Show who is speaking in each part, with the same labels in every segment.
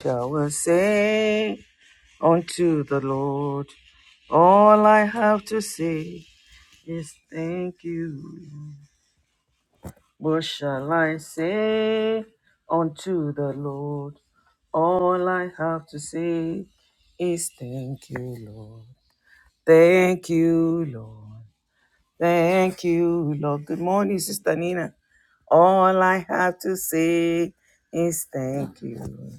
Speaker 1: shall I say unto the Lord? All I have to say is thank you. What shall I say unto the Lord? All I have to say is thank you, Lord. Thank you, Lord. Thank you, Lord. Good morning, Sister Nina. All I have to say is thank you. Lord.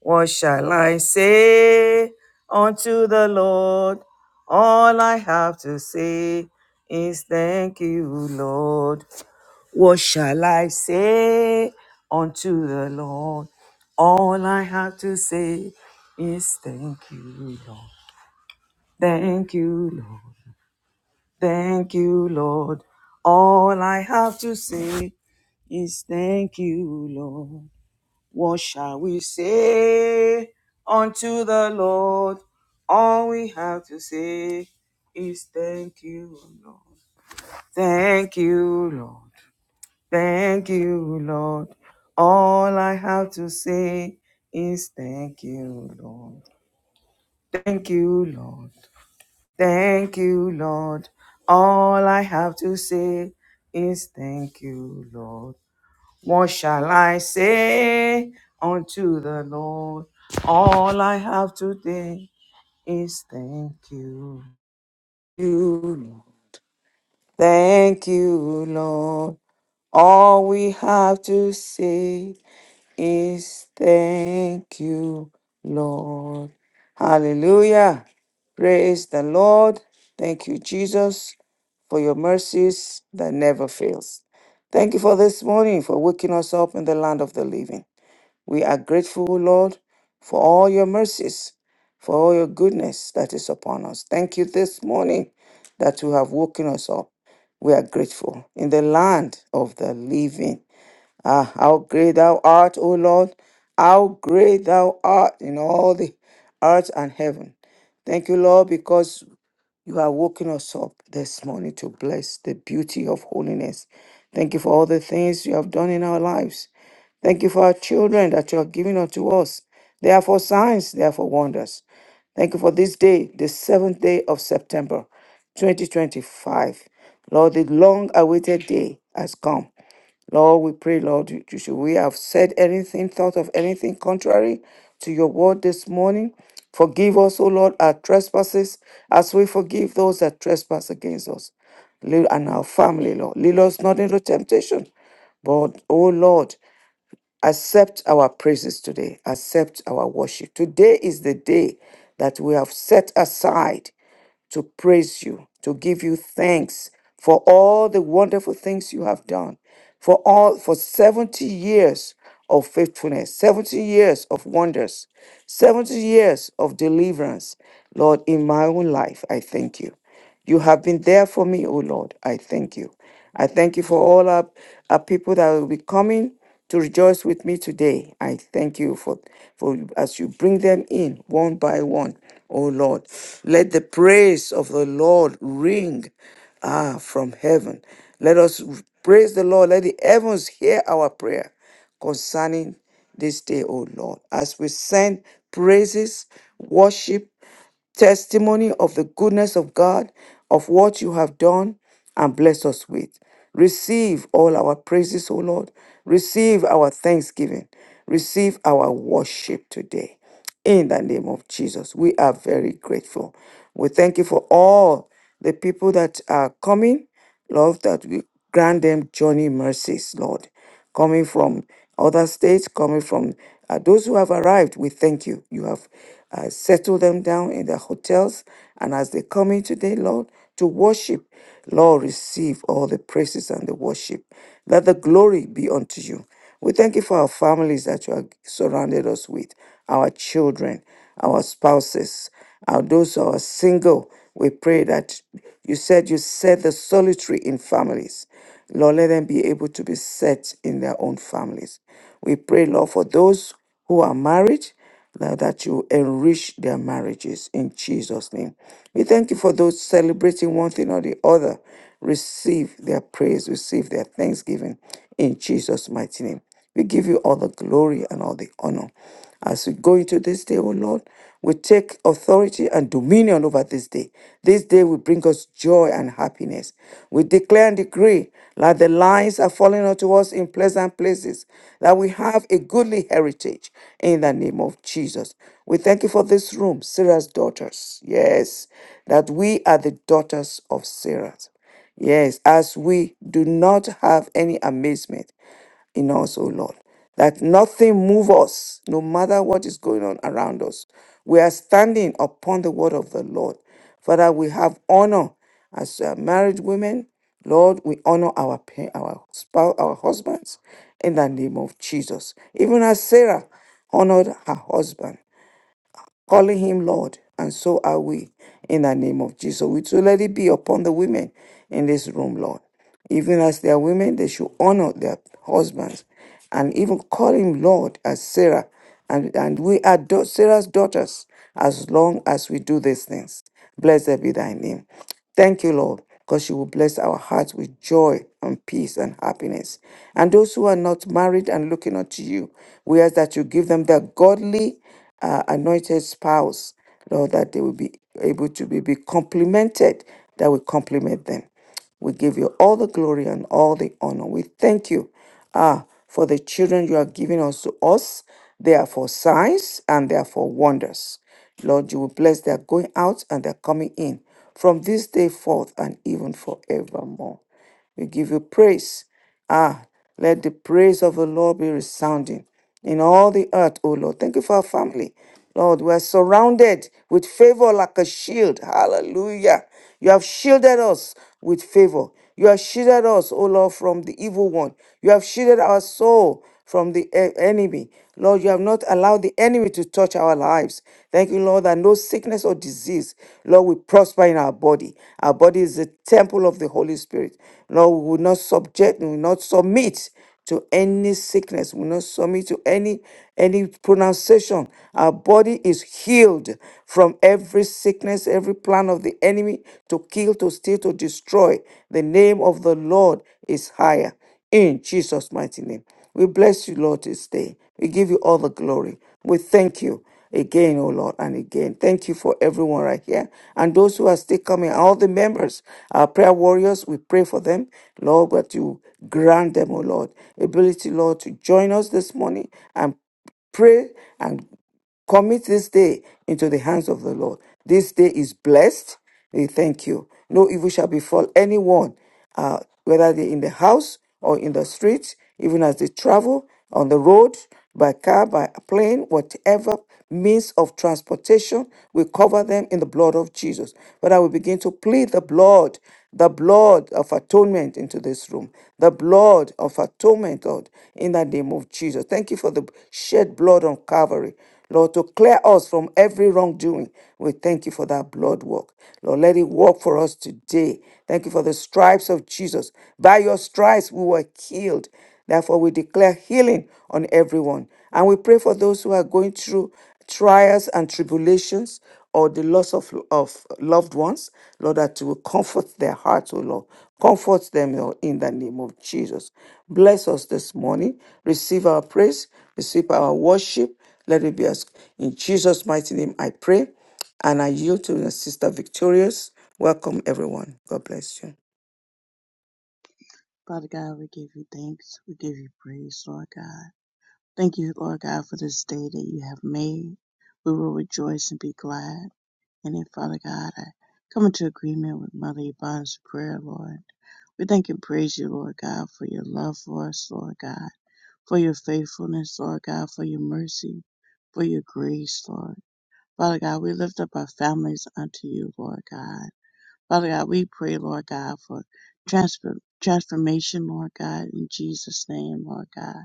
Speaker 1: What shall I say unto the Lord? All I have to say is thank you, Lord. What shall I say unto the Lord? All I have to say is thank you, Lord. Thank you, Lord. Thank you, Lord. All I have to say is thank you, Lord. What shall we say unto the Lord? All we have to say is thank you, Lord. Thank you, Lord. Thank you, Lord. All I have to say is thank you, Lord. Thank you, Lord. Thank you, Lord. All I have to say is thank you, Lord. What shall I say unto the Lord? All I have today is thank you. you. Thank you, Lord. All we have to say is thank you, Lord. Hallelujah. Praise the Lord. Thank you, Jesus, for your mercies that never fails. Thank you for this morning, for waking us up in the land of the living. We are grateful, Lord, for all your mercies, for all your goodness that is upon us. Thank you this morning that you have woken us up. We are grateful in the land of the living. Ah, how great thou art, O Lord! How great thou art in all the earth and heaven. Thank you, Lord, because you are waking us up this morning to bless the beauty of holiness. Thank you for all the things you have done in our lives. Thank you for our children that you have given unto us. They are for signs, they are for wonders. Thank you for this day, the seventh day of September 2025. Lord, the long awaited day has come. Lord, we pray, Lord, you, you should we have said anything, thought of anything contrary to your word this morning. Forgive us, O Lord, our trespasses as we forgive those that trespass against us Lead- and our family, Lord. Lead us not into temptation, but, O Lord, accept our praises today. Accept our worship. Today is the day that we have set aside to praise you, to give you thanks for all the wonderful things you have done, for all for 70 years of faithfulness, 70 years of wonders, 70 years of deliverance. Lord, in my own life, I thank you. You have been there for me, O Lord. I thank you. I thank you for all our, our people that will be coming to rejoice with me today. I thank you for, for as you bring them in one by one, O Lord. Let the praise of the Lord ring ah from heaven. Let us praise the Lord. Let the heavens hear our prayer concerning this day, O Lord. As we send praises, worship, testimony of the goodness of God, of what you have done, and bless us with. Receive all our praises, O Lord. Receive our thanksgiving. Receive our worship today. In the name of Jesus, we are very grateful. We thank you for all the people that are coming, Lord, that we grant them journey mercies, Lord coming from other states, coming from uh, those who have arrived. We thank you. You have uh, settled them down in their hotels. And as they come in today, Lord, to worship, Lord, receive all the praises and the worship. Let the glory be unto you. We thank you for our families that you have surrounded us with, our children, our spouses, our those who are single. We pray that you said you set the solitary in families. Lord, let them be able to be set in their own families. We pray, Lord, for those who are married, Lord, that you enrich their marriages in Jesus' name. We thank you for those celebrating one thing or the other. Receive their praise, receive their thanksgiving in Jesus' mighty name. We give you all the glory and all the honor. As we go into this day, O Lord, we take authority and dominion over this day. This day will bring us joy and happiness. We declare and decree that the lines are falling unto us in pleasant places, that we have a goodly heritage in the name of Jesus. We thank you for this room, Sarah's daughters. Yes, that we are the daughters of Sarah. Yes, as we do not have any amazement in us, O Lord. That nothing move us, no matter what is going on around us. We are standing upon the word of the Lord. Father, we have honor as uh, married women. Lord, we honor our pa- our spouse, our husbands, in the name of Jesus. Even as Sarah honored her husband, calling him Lord, and so are we in the name of Jesus. We too let it be upon the women in this room, Lord. Even as they are women, they should honor their husbands and even call him Lord as Sarah. And, and we are da- Sarah's daughters as long as we do these things. Blessed be thy name. Thank you, Lord, because you will bless our hearts with joy and peace and happiness. And those who are not married and looking unto you, we ask that you give them the godly uh, anointed spouse, Lord, that they will be able to be, be complimented, that we compliment them. We give you all the glory and all the honor. We thank you Ah, for the children you are giving us to us. They are for signs and they are for wonders. Lord, you will bless their going out and their coming in from this day forth and even forevermore. We give you praise. Ah, let the praise of the Lord be resounding in all the earth, O Lord. Thank you for our family. Lord, we are surrounded with favor like a shield. Hallelujah. You have shielded us with favor. You have shielded us, O Lord, from the evil one. You have shielded our soul from the e- enemy. Lord, you have not allowed the enemy to touch our lives. Thank you, Lord, that no sickness or disease, Lord, we prosper in our body. Our body is the temple of the Holy Spirit. Lord, we will not subject, we will not submit to any sickness. We will not submit to any any pronunciation. Our body is healed from every sickness, every plan of the enemy to kill, to steal, to destroy. The name of the Lord is higher. In Jesus' mighty name. We bless you, Lord, this day. We give you all the glory. We thank you again, oh Lord, and again. Thank you for everyone right here. And those who are still coming, all the members, our prayer warriors, we pray for them, Lord, that you grant them, oh Lord, ability, Lord, to join us this morning and pray and Commit this day into the hands of the Lord. This day is blessed. We thank you. No evil shall befall anyone, uh, whether they are in the house or in the street, even as they travel on the road, by car, by plane, whatever means of transportation. We cover them in the blood of Jesus. But I will begin to plead the blood, the blood of atonement into this room, the blood of atonement, Lord, in the name of Jesus. Thank you for the shed blood on Calvary. Lord, to clear us from every wrongdoing. We thank you for that blood work. Lord, let it work for us today. Thank you for the stripes of Jesus. By your stripes we were healed. Therefore, we declare healing on everyone. And we pray for those who are going through trials and tribulations or the loss of, of loved ones, Lord, that you will comfort their hearts, O Lord. Comfort them, Lord, in the name of Jesus. Bless us this morning. Receive our praise, receive our worship. Let it be us. In Jesus' mighty name, I pray. And I yield to the Sister Victorious. Welcome, everyone. God bless you.
Speaker 2: Father God, we give you thanks. We give you praise, Lord God. Thank you, Lord God, for this day that you have made. We will rejoice and be glad. And then, Father God, I come into agreement with Mother Yvonne's prayer, Lord. We thank and praise you, Lord God, for your love for us, Lord God, for your faithfulness, Lord God, for your mercy, for your grace, Lord. Father God, we lift up our families unto you, Lord God. Father God, we pray, Lord God, for transfer, transformation, Lord God, in Jesus' name, Lord God.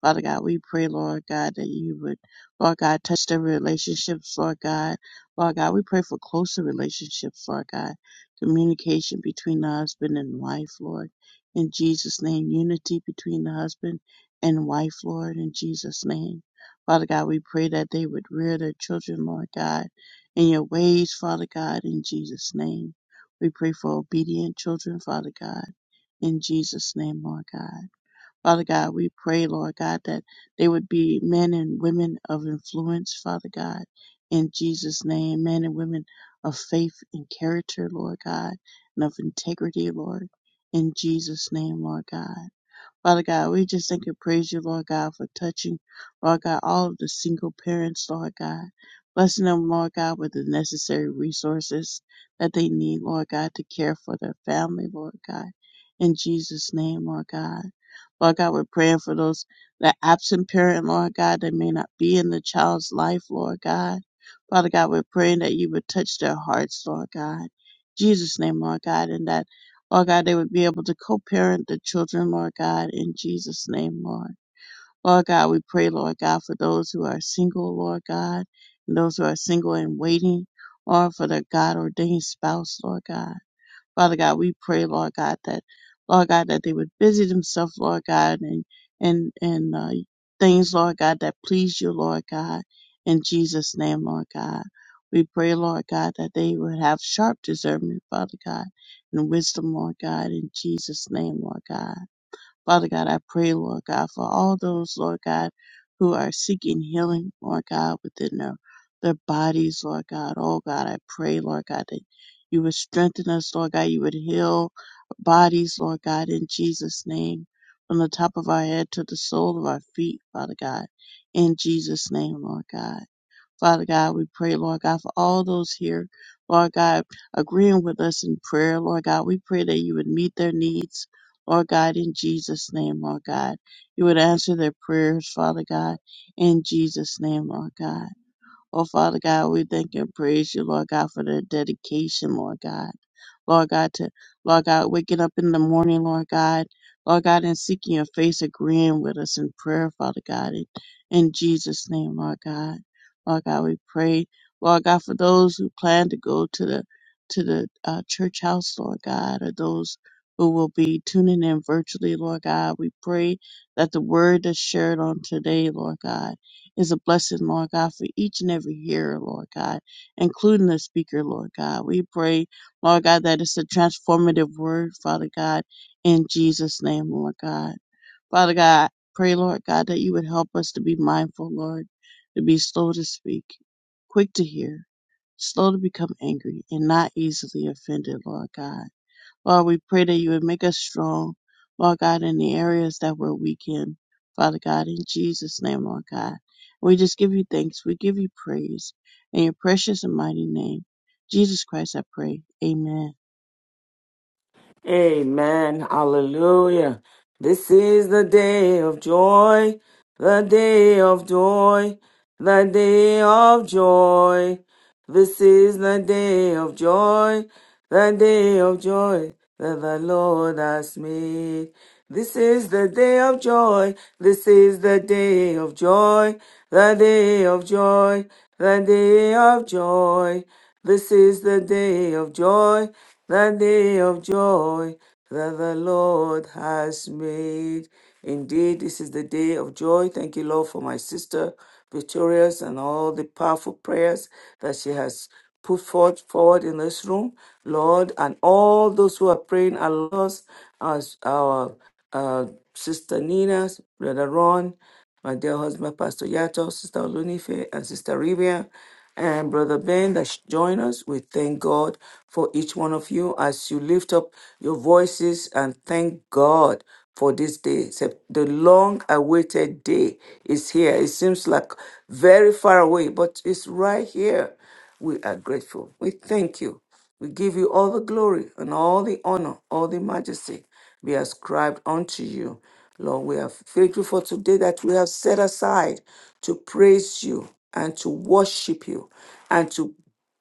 Speaker 2: Father God, we pray, Lord God, that you would, Lord God, touch their relationships, Lord God. Lord God, we pray for closer relationships, Lord God. Communication between the husband and wife, Lord. In Jesus' name, unity between the husband and wife, Lord, in Jesus' name. Father God, we pray that they would rear their children, Lord God, in your ways, Father God, in Jesus' name. We pray for obedient children, Father God, in Jesus' name, Lord God. Father God, we pray, Lord God, that they would be men and women of influence, Father God, in Jesus' name, men and women of faith and character, Lord God, and of integrity, Lord, in Jesus' name, Lord God. Father God, we just thank and praise you, Lord God, for touching, Lord God, all of the single parents, Lord God. Blessing them, Lord God, with the necessary resources that they need, Lord God, to care for their family, Lord God. In Jesus' name, Lord God. Lord God, we're praying for those, that absent parent, Lord God, that may not be in the child's life, Lord God. Father God, we're praying that you would touch their hearts, Lord God. Jesus' name, Lord God, and that Lord God, they would be able to co parent the children, Lord God, in Jesus' name, Lord. Lord God, we pray, Lord God, for those who are single, Lord God, and those who are single and waiting, or for their God ordained spouse, Lord God. Father God, we pray, Lord God, that Lord God, that they would busy themselves, Lord God, and and and uh, things, Lord God, that please you, Lord God, in Jesus' name, Lord God. We pray, Lord God, that they would have sharp discernment, Father God, and wisdom, Lord God, in Jesus' name, Lord God. Father God, I pray, Lord God, for all those, Lord God, who are seeking healing, Lord God, within their, their bodies, Lord God. Oh God, I pray, Lord God, that you would strengthen us, Lord God. You would heal bodies, Lord God, in Jesus' name, from the top of our head to the sole of our feet, Father God, in Jesus' name, Lord God. Father God, we pray, Lord God, for all those here, Lord God, agreeing with us in prayer, Lord God. We pray that you would meet their needs, Lord God, in Jesus' name, Lord God. You would answer their prayers, Father God, in Jesus' name, Lord God. Oh, Father God, we thank and praise you, Lord God, for the dedication, Lord God. Lord God, to Lord God, waking up in the morning, Lord God, Lord God, and seeking your face, agreeing with us in prayer, Father God, in, in Jesus' name, Lord God. Lord God, we pray, Lord God, for those who plan to go to the to the uh, church house, Lord God, or those who will be tuning in virtually, Lord God. We pray that the word that's shared on today, Lord God is a blessing, Lord God, for each and every hearer, Lord God, including the speaker, Lord God. We pray, Lord God, that it's a transformative word, Father God, in Jesus' name, Lord God. Father God, I pray, Lord God, that you would help us to be mindful, Lord, to be slow to speak, quick to hear, slow to become angry, and not easily offended, Lord God. Lord, we pray that you would make us strong, Lord God, in the areas that we're weak in, Father God, in Jesus' name, Lord God. We just give you thanks. We give you praise. In your precious and mighty name, Jesus Christ, I pray. Amen.
Speaker 1: Amen. Hallelujah. This is the day of joy, the day of joy, the day of joy. This is the day of joy, the day of joy that the Lord has made. This is the day of joy, this is the day of joy, the day of joy, the day of joy. This is the day of joy, the day of joy that the Lord has made. Indeed, this is the day of joy. Thank you, Lord, for my sister Victorious and all the powerful prayers that she has put forth forward in this room, Lord, and all those who are praying along us, as our uh, sister Nina, brother Ron my dear husband, Pastor Yato, Sister Olunife, and Sister Rivia, and Brother Ben that sh- join us. We thank God for each one of you as you lift up your voices and thank God for this day. Sep- The long awaited day is here. It seems like very far away, but it's right here. We are grateful. We thank you. We give you all the glory and all the honor, all the majesty be ascribed unto you. Lord, we are thankful for today that we have set aside to praise you and to worship you and to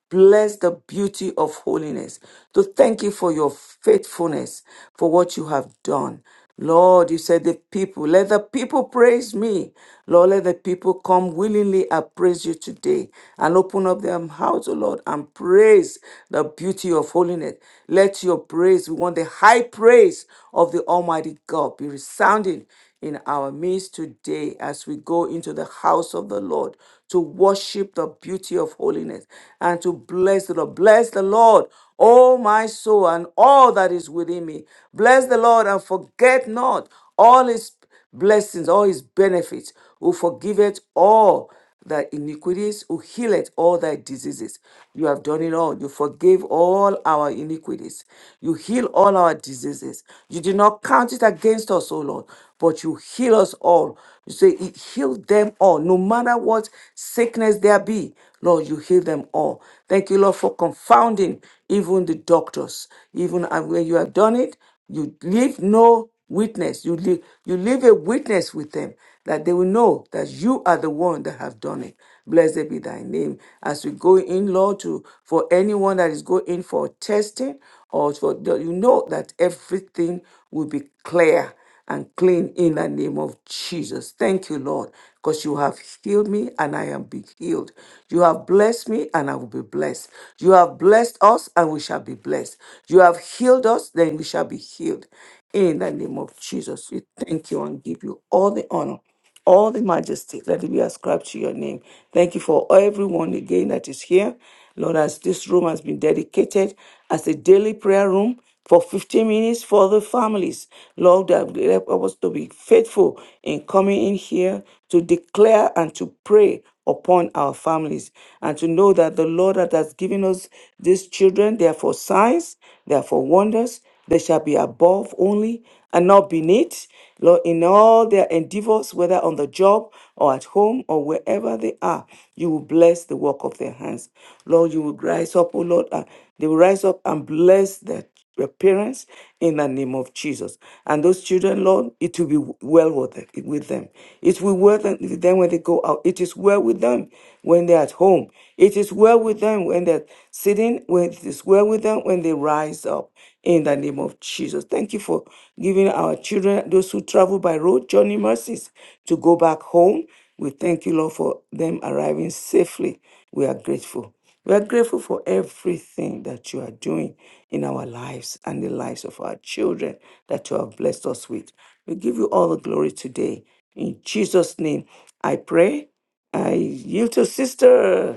Speaker 1: Bless the beauty of holiness. To thank you for your faithfulness, for what you have done. Lord, you said the people, let the people praise me. Lord, let the people come willingly and praise you today and open up their mouths, O Lord, and praise the beauty of holiness. Let your praise, we want the high praise of the Almighty God be resounding in our midst today as we go into the house of the Lord to worship the beauty of holiness faithfulness and to bless the Lord. Bless the Lord, O my soul, and all that is within me. Bless the Lord and forget not all his blessings, all his benefits, who forgiveth all thy iniquities, who healeth all thy diseases. You have done it all. You forgave all our iniquities. You heal all our diseases. You did not count it against us, O Lord, but you heal us all. You say, "It healed them all, no matter what sickness there be. Lord, you heal them all. Thank you, Lord, for confounding even the doctors. Even and when you have done it, you leave no witness. You leave, you leave a witness with them that they will know that you are the one that have done it. Blessed be thy name. As we go in, Lord, to for anyone that is going in for testing or for you know that everything will be clear and clean in the name of Jesus. Thank you, Lord, because you have healed me and I am be healed. You have blessed me and I will be blessed. You have blessed us and we shall be blessed. You have healed us, then we shall be healed. In the name of Jesus, we thank you and give you all the honor all the majesty. Let it be ascribed to your name. Thank you for everyone again that is here. Lord, as this room has been dedicated as a daily prayer room for 15 minutes for the families. Lord, that will help us to be faithful in coming in here to declare and to pray upon our families and to know that the Lord that has given us these children, they are for signs, they are for wonders, they shall be above only and not beneath. Lord, in all their endeavors, whether on the job or at home or wherever they are, you will bless the work of their hands. Lord, you will rise up, oh Lord, and they will rise up and bless their your parents in the name of Jesus. And those children, Lord, it will be well with them. with them. It will well with them when they go out. It is well with them when they're at home. It is well with them when they're death, sitting with the square with them when they rise up in the name of Jesus. Thank you for giving our children, those who travel by road, journey mercies to go back home. We thank you, Lord, for them arriving safely. We are grateful. We are grateful for everything that you are doing in our lives and the lives of our children that you have blessed us with. We give you all the glory today. In Jesus' name, I pray. I yield to Sister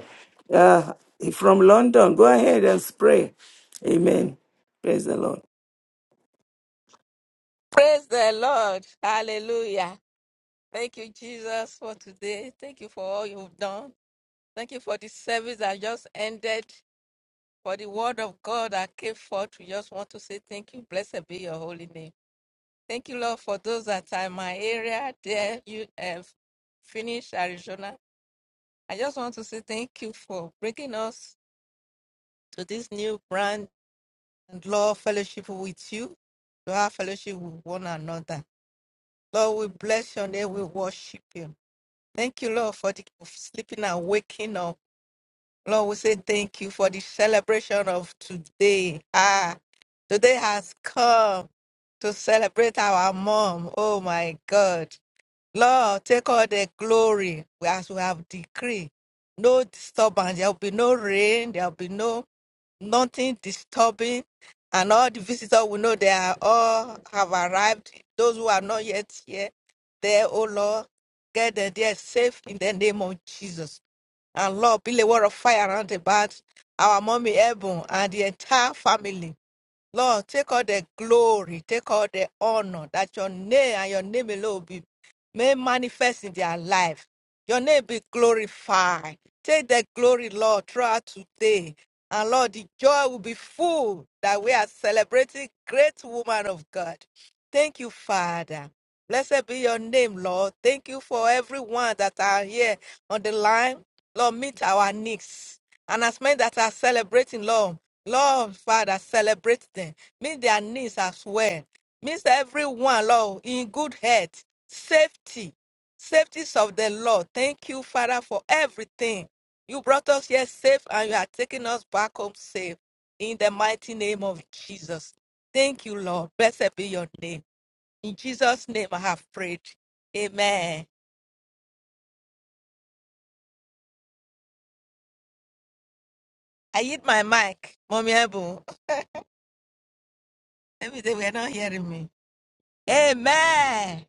Speaker 1: uh, from London. Go ahead and pray. Amen. Praise the Lord.
Speaker 3: Praise the Lord. Hallelujah. Thank you, Jesus, for today. Thank you for all you've done. Thank you for the service that just ended, for the word of God that came forth. We just want to say thank you. Blessed be your holy name. Thank you, Lord, for those that are in my area, there, you have finished Arizona. I just want to say thank you for bringing us to this new brand and Lord fellowship with you, to have fellowship with one another. Lord, we bless your name. We worship you. Thank you, Lord, for the of sleeping and waking up. Lord, we say thank you for the celebration of today. Ah, today has come to celebrate our mom. Oh my God. Lord, take all the glory as we have decreed. No disturbance. There will be no rain. There will be no nothing disturbing, and all the visitors we know they are all have arrived. Those who are not yet here, there, oh Lord, get them there safe in the name of Jesus. And Lord, build a wall of fire around about our mommy Ebon and the entire family. Lord, take all the glory, take all the honor that your name and your name alone be may manifest in their life. Your name be glorified. Take the glory, Lord, throughout today. And Lord, the joy will be full that we are celebrating great woman of God. Thank you, Father. Blessed be your name, Lord. Thank you for everyone that are here on the line. Lord, meet our needs. And as many that are celebrating, Lord, Lord, Father, celebrate them. Meet their needs as well. Meet everyone, Lord, in good health, safety, safeties of the Lord. Thank you, Father, for everything. You brought us here safe and you are taking us back home safe. In the mighty name of Jesus. Thank you, Lord. Blessed be your name. In Jesus' name I have prayed. Amen. I hit my mic. Mommy Ebu. Let me say we're not hearing me. Amen.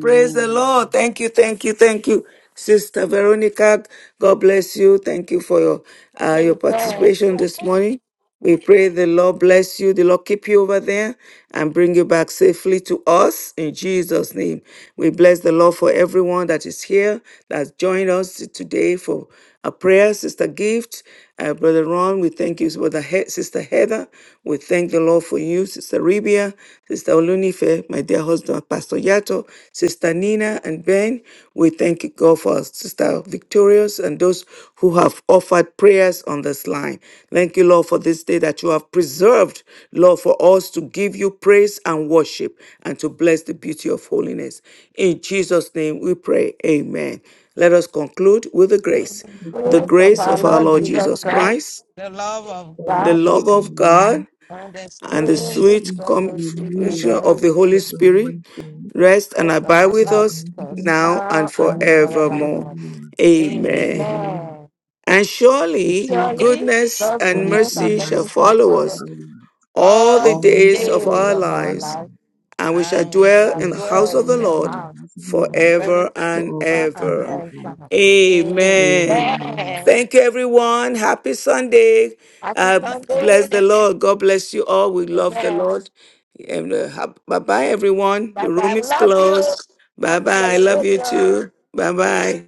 Speaker 1: Praise the Lord. Thank you, thank you, thank you, Sister Veronica. God bless you. Thank you for your uh, your participation this morning. We pray the Lord bless you, the Lord keep you over there and bring you back safely to us in Jesus' name. We bless the Lord for everyone that is here, that's joined us today for a prayer, Sister Gift, uh, Brother Ron. We thank you, Brother he- Sister Heather. We thank the Lord for you, Sister Ribia, Sister Olunife, my dear husband, Pastor Yato, Sister Nina and Ben, we thank you, God, for our Sister Victorious and those who have offered prayers on this line. Thank you, Lord, for this day that you have preserved, Lord, for us to give you praise and worship and to bless the beauty of holiness. In Jesus' name we pray. Amen. Let us conclude with the grace.
Speaker 2: The
Speaker 1: The
Speaker 3: Praise
Speaker 2: grace
Speaker 3: of
Speaker 2: of
Speaker 1: grace
Speaker 3: our
Speaker 2: our
Speaker 1: of our
Speaker 2: Lord
Speaker 3: Lord
Speaker 1: Lord
Speaker 2: Jesus
Speaker 3: Jesus
Speaker 1: Jesus
Speaker 2: Christ,
Speaker 3: Christ,
Speaker 1: Christ,
Speaker 3: The love of
Speaker 2: the love
Speaker 1: the
Speaker 3: God,
Speaker 2: of
Speaker 1: love of
Speaker 2: God,
Speaker 1: God,
Speaker 3: and the
Speaker 1: and the
Speaker 2: and the
Speaker 3: Spirit,
Speaker 1: sweet
Speaker 2: sweet
Speaker 3: fellowship of the
Speaker 2: communion
Speaker 1: communion of the
Speaker 3: Holy
Speaker 1: Holy
Speaker 2: of the
Speaker 1: Spirit
Speaker 2: Holy Spirit,
Speaker 1: rest and
Speaker 3: Spirit of
Speaker 2: which
Speaker 1: abide
Speaker 3: our
Speaker 1: with
Speaker 2: will
Speaker 3: God,
Speaker 1: us
Speaker 2: be
Speaker 3: us
Speaker 2: with us
Speaker 1: now and
Speaker 3: now and
Speaker 2: all and
Speaker 1: forevermore.
Speaker 3: forevermore.
Speaker 2: forevermore.
Speaker 1: Amen.
Speaker 2: Amen.
Speaker 3: Amen.
Speaker 1: And
Speaker 2: The
Speaker 1: surely
Speaker 2: children
Speaker 3: Surely,
Speaker 1: goodness
Speaker 3: God's
Speaker 1: and
Speaker 2: Timothy
Speaker 3: goodness and
Speaker 1: mercy
Speaker 2: 1
Speaker 1: shall
Speaker 3: mercy
Speaker 2: thing
Speaker 3: shall
Speaker 1: follow
Speaker 3: follow
Speaker 1: us
Speaker 2: around life.
Speaker 3: all
Speaker 1: all
Speaker 3: all
Speaker 1: the
Speaker 2: All
Speaker 3: the
Speaker 1: days
Speaker 2: the
Speaker 1: of
Speaker 3: days
Speaker 1: our
Speaker 2: things
Speaker 3: of
Speaker 2: in
Speaker 3: our
Speaker 2: our
Speaker 1: lives
Speaker 3: life.
Speaker 2: life,
Speaker 1: and we shall
Speaker 3: and we
Speaker 1: dwell
Speaker 2: we
Speaker 3: shall shall
Speaker 1: in the
Speaker 2: must
Speaker 1: house
Speaker 3: dwell
Speaker 1: of
Speaker 3: in
Speaker 1: the
Speaker 2: adore
Speaker 3: the
Speaker 1: Lord
Speaker 2: and
Speaker 3: house and
Speaker 2: imagine
Speaker 3: praise
Speaker 1: forever
Speaker 2: the
Speaker 1: and
Speaker 3: fellowship of
Speaker 2: Lord forever
Speaker 3: our
Speaker 2: and
Speaker 1: ever.
Speaker 3: friends.
Speaker 2: ever.
Speaker 3: Him.
Speaker 1: Amen.
Speaker 2: Amen.
Speaker 3: Amen.
Speaker 1: Thank you, everyone. Happy Sunday.
Speaker 3: Happy
Speaker 1: Uh,
Speaker 3: Sunday.
Speaker 1: bless the Lord. God bless you all. We love the
Speaker 3: Amen.
Speaker 1: Lord. And, uh, bye bye, everyone. The
Speaker 3: Bye
Speaker 1: room
Speaker 3: bye. We
Speaker 1: is
Speaker 3: love you.
Speaker 1: closed. Bye
Speaker 3: Happy
Speaker 1: bye. I love you
Speaker 3: celebration.
Speaker 1: too. Bye bye.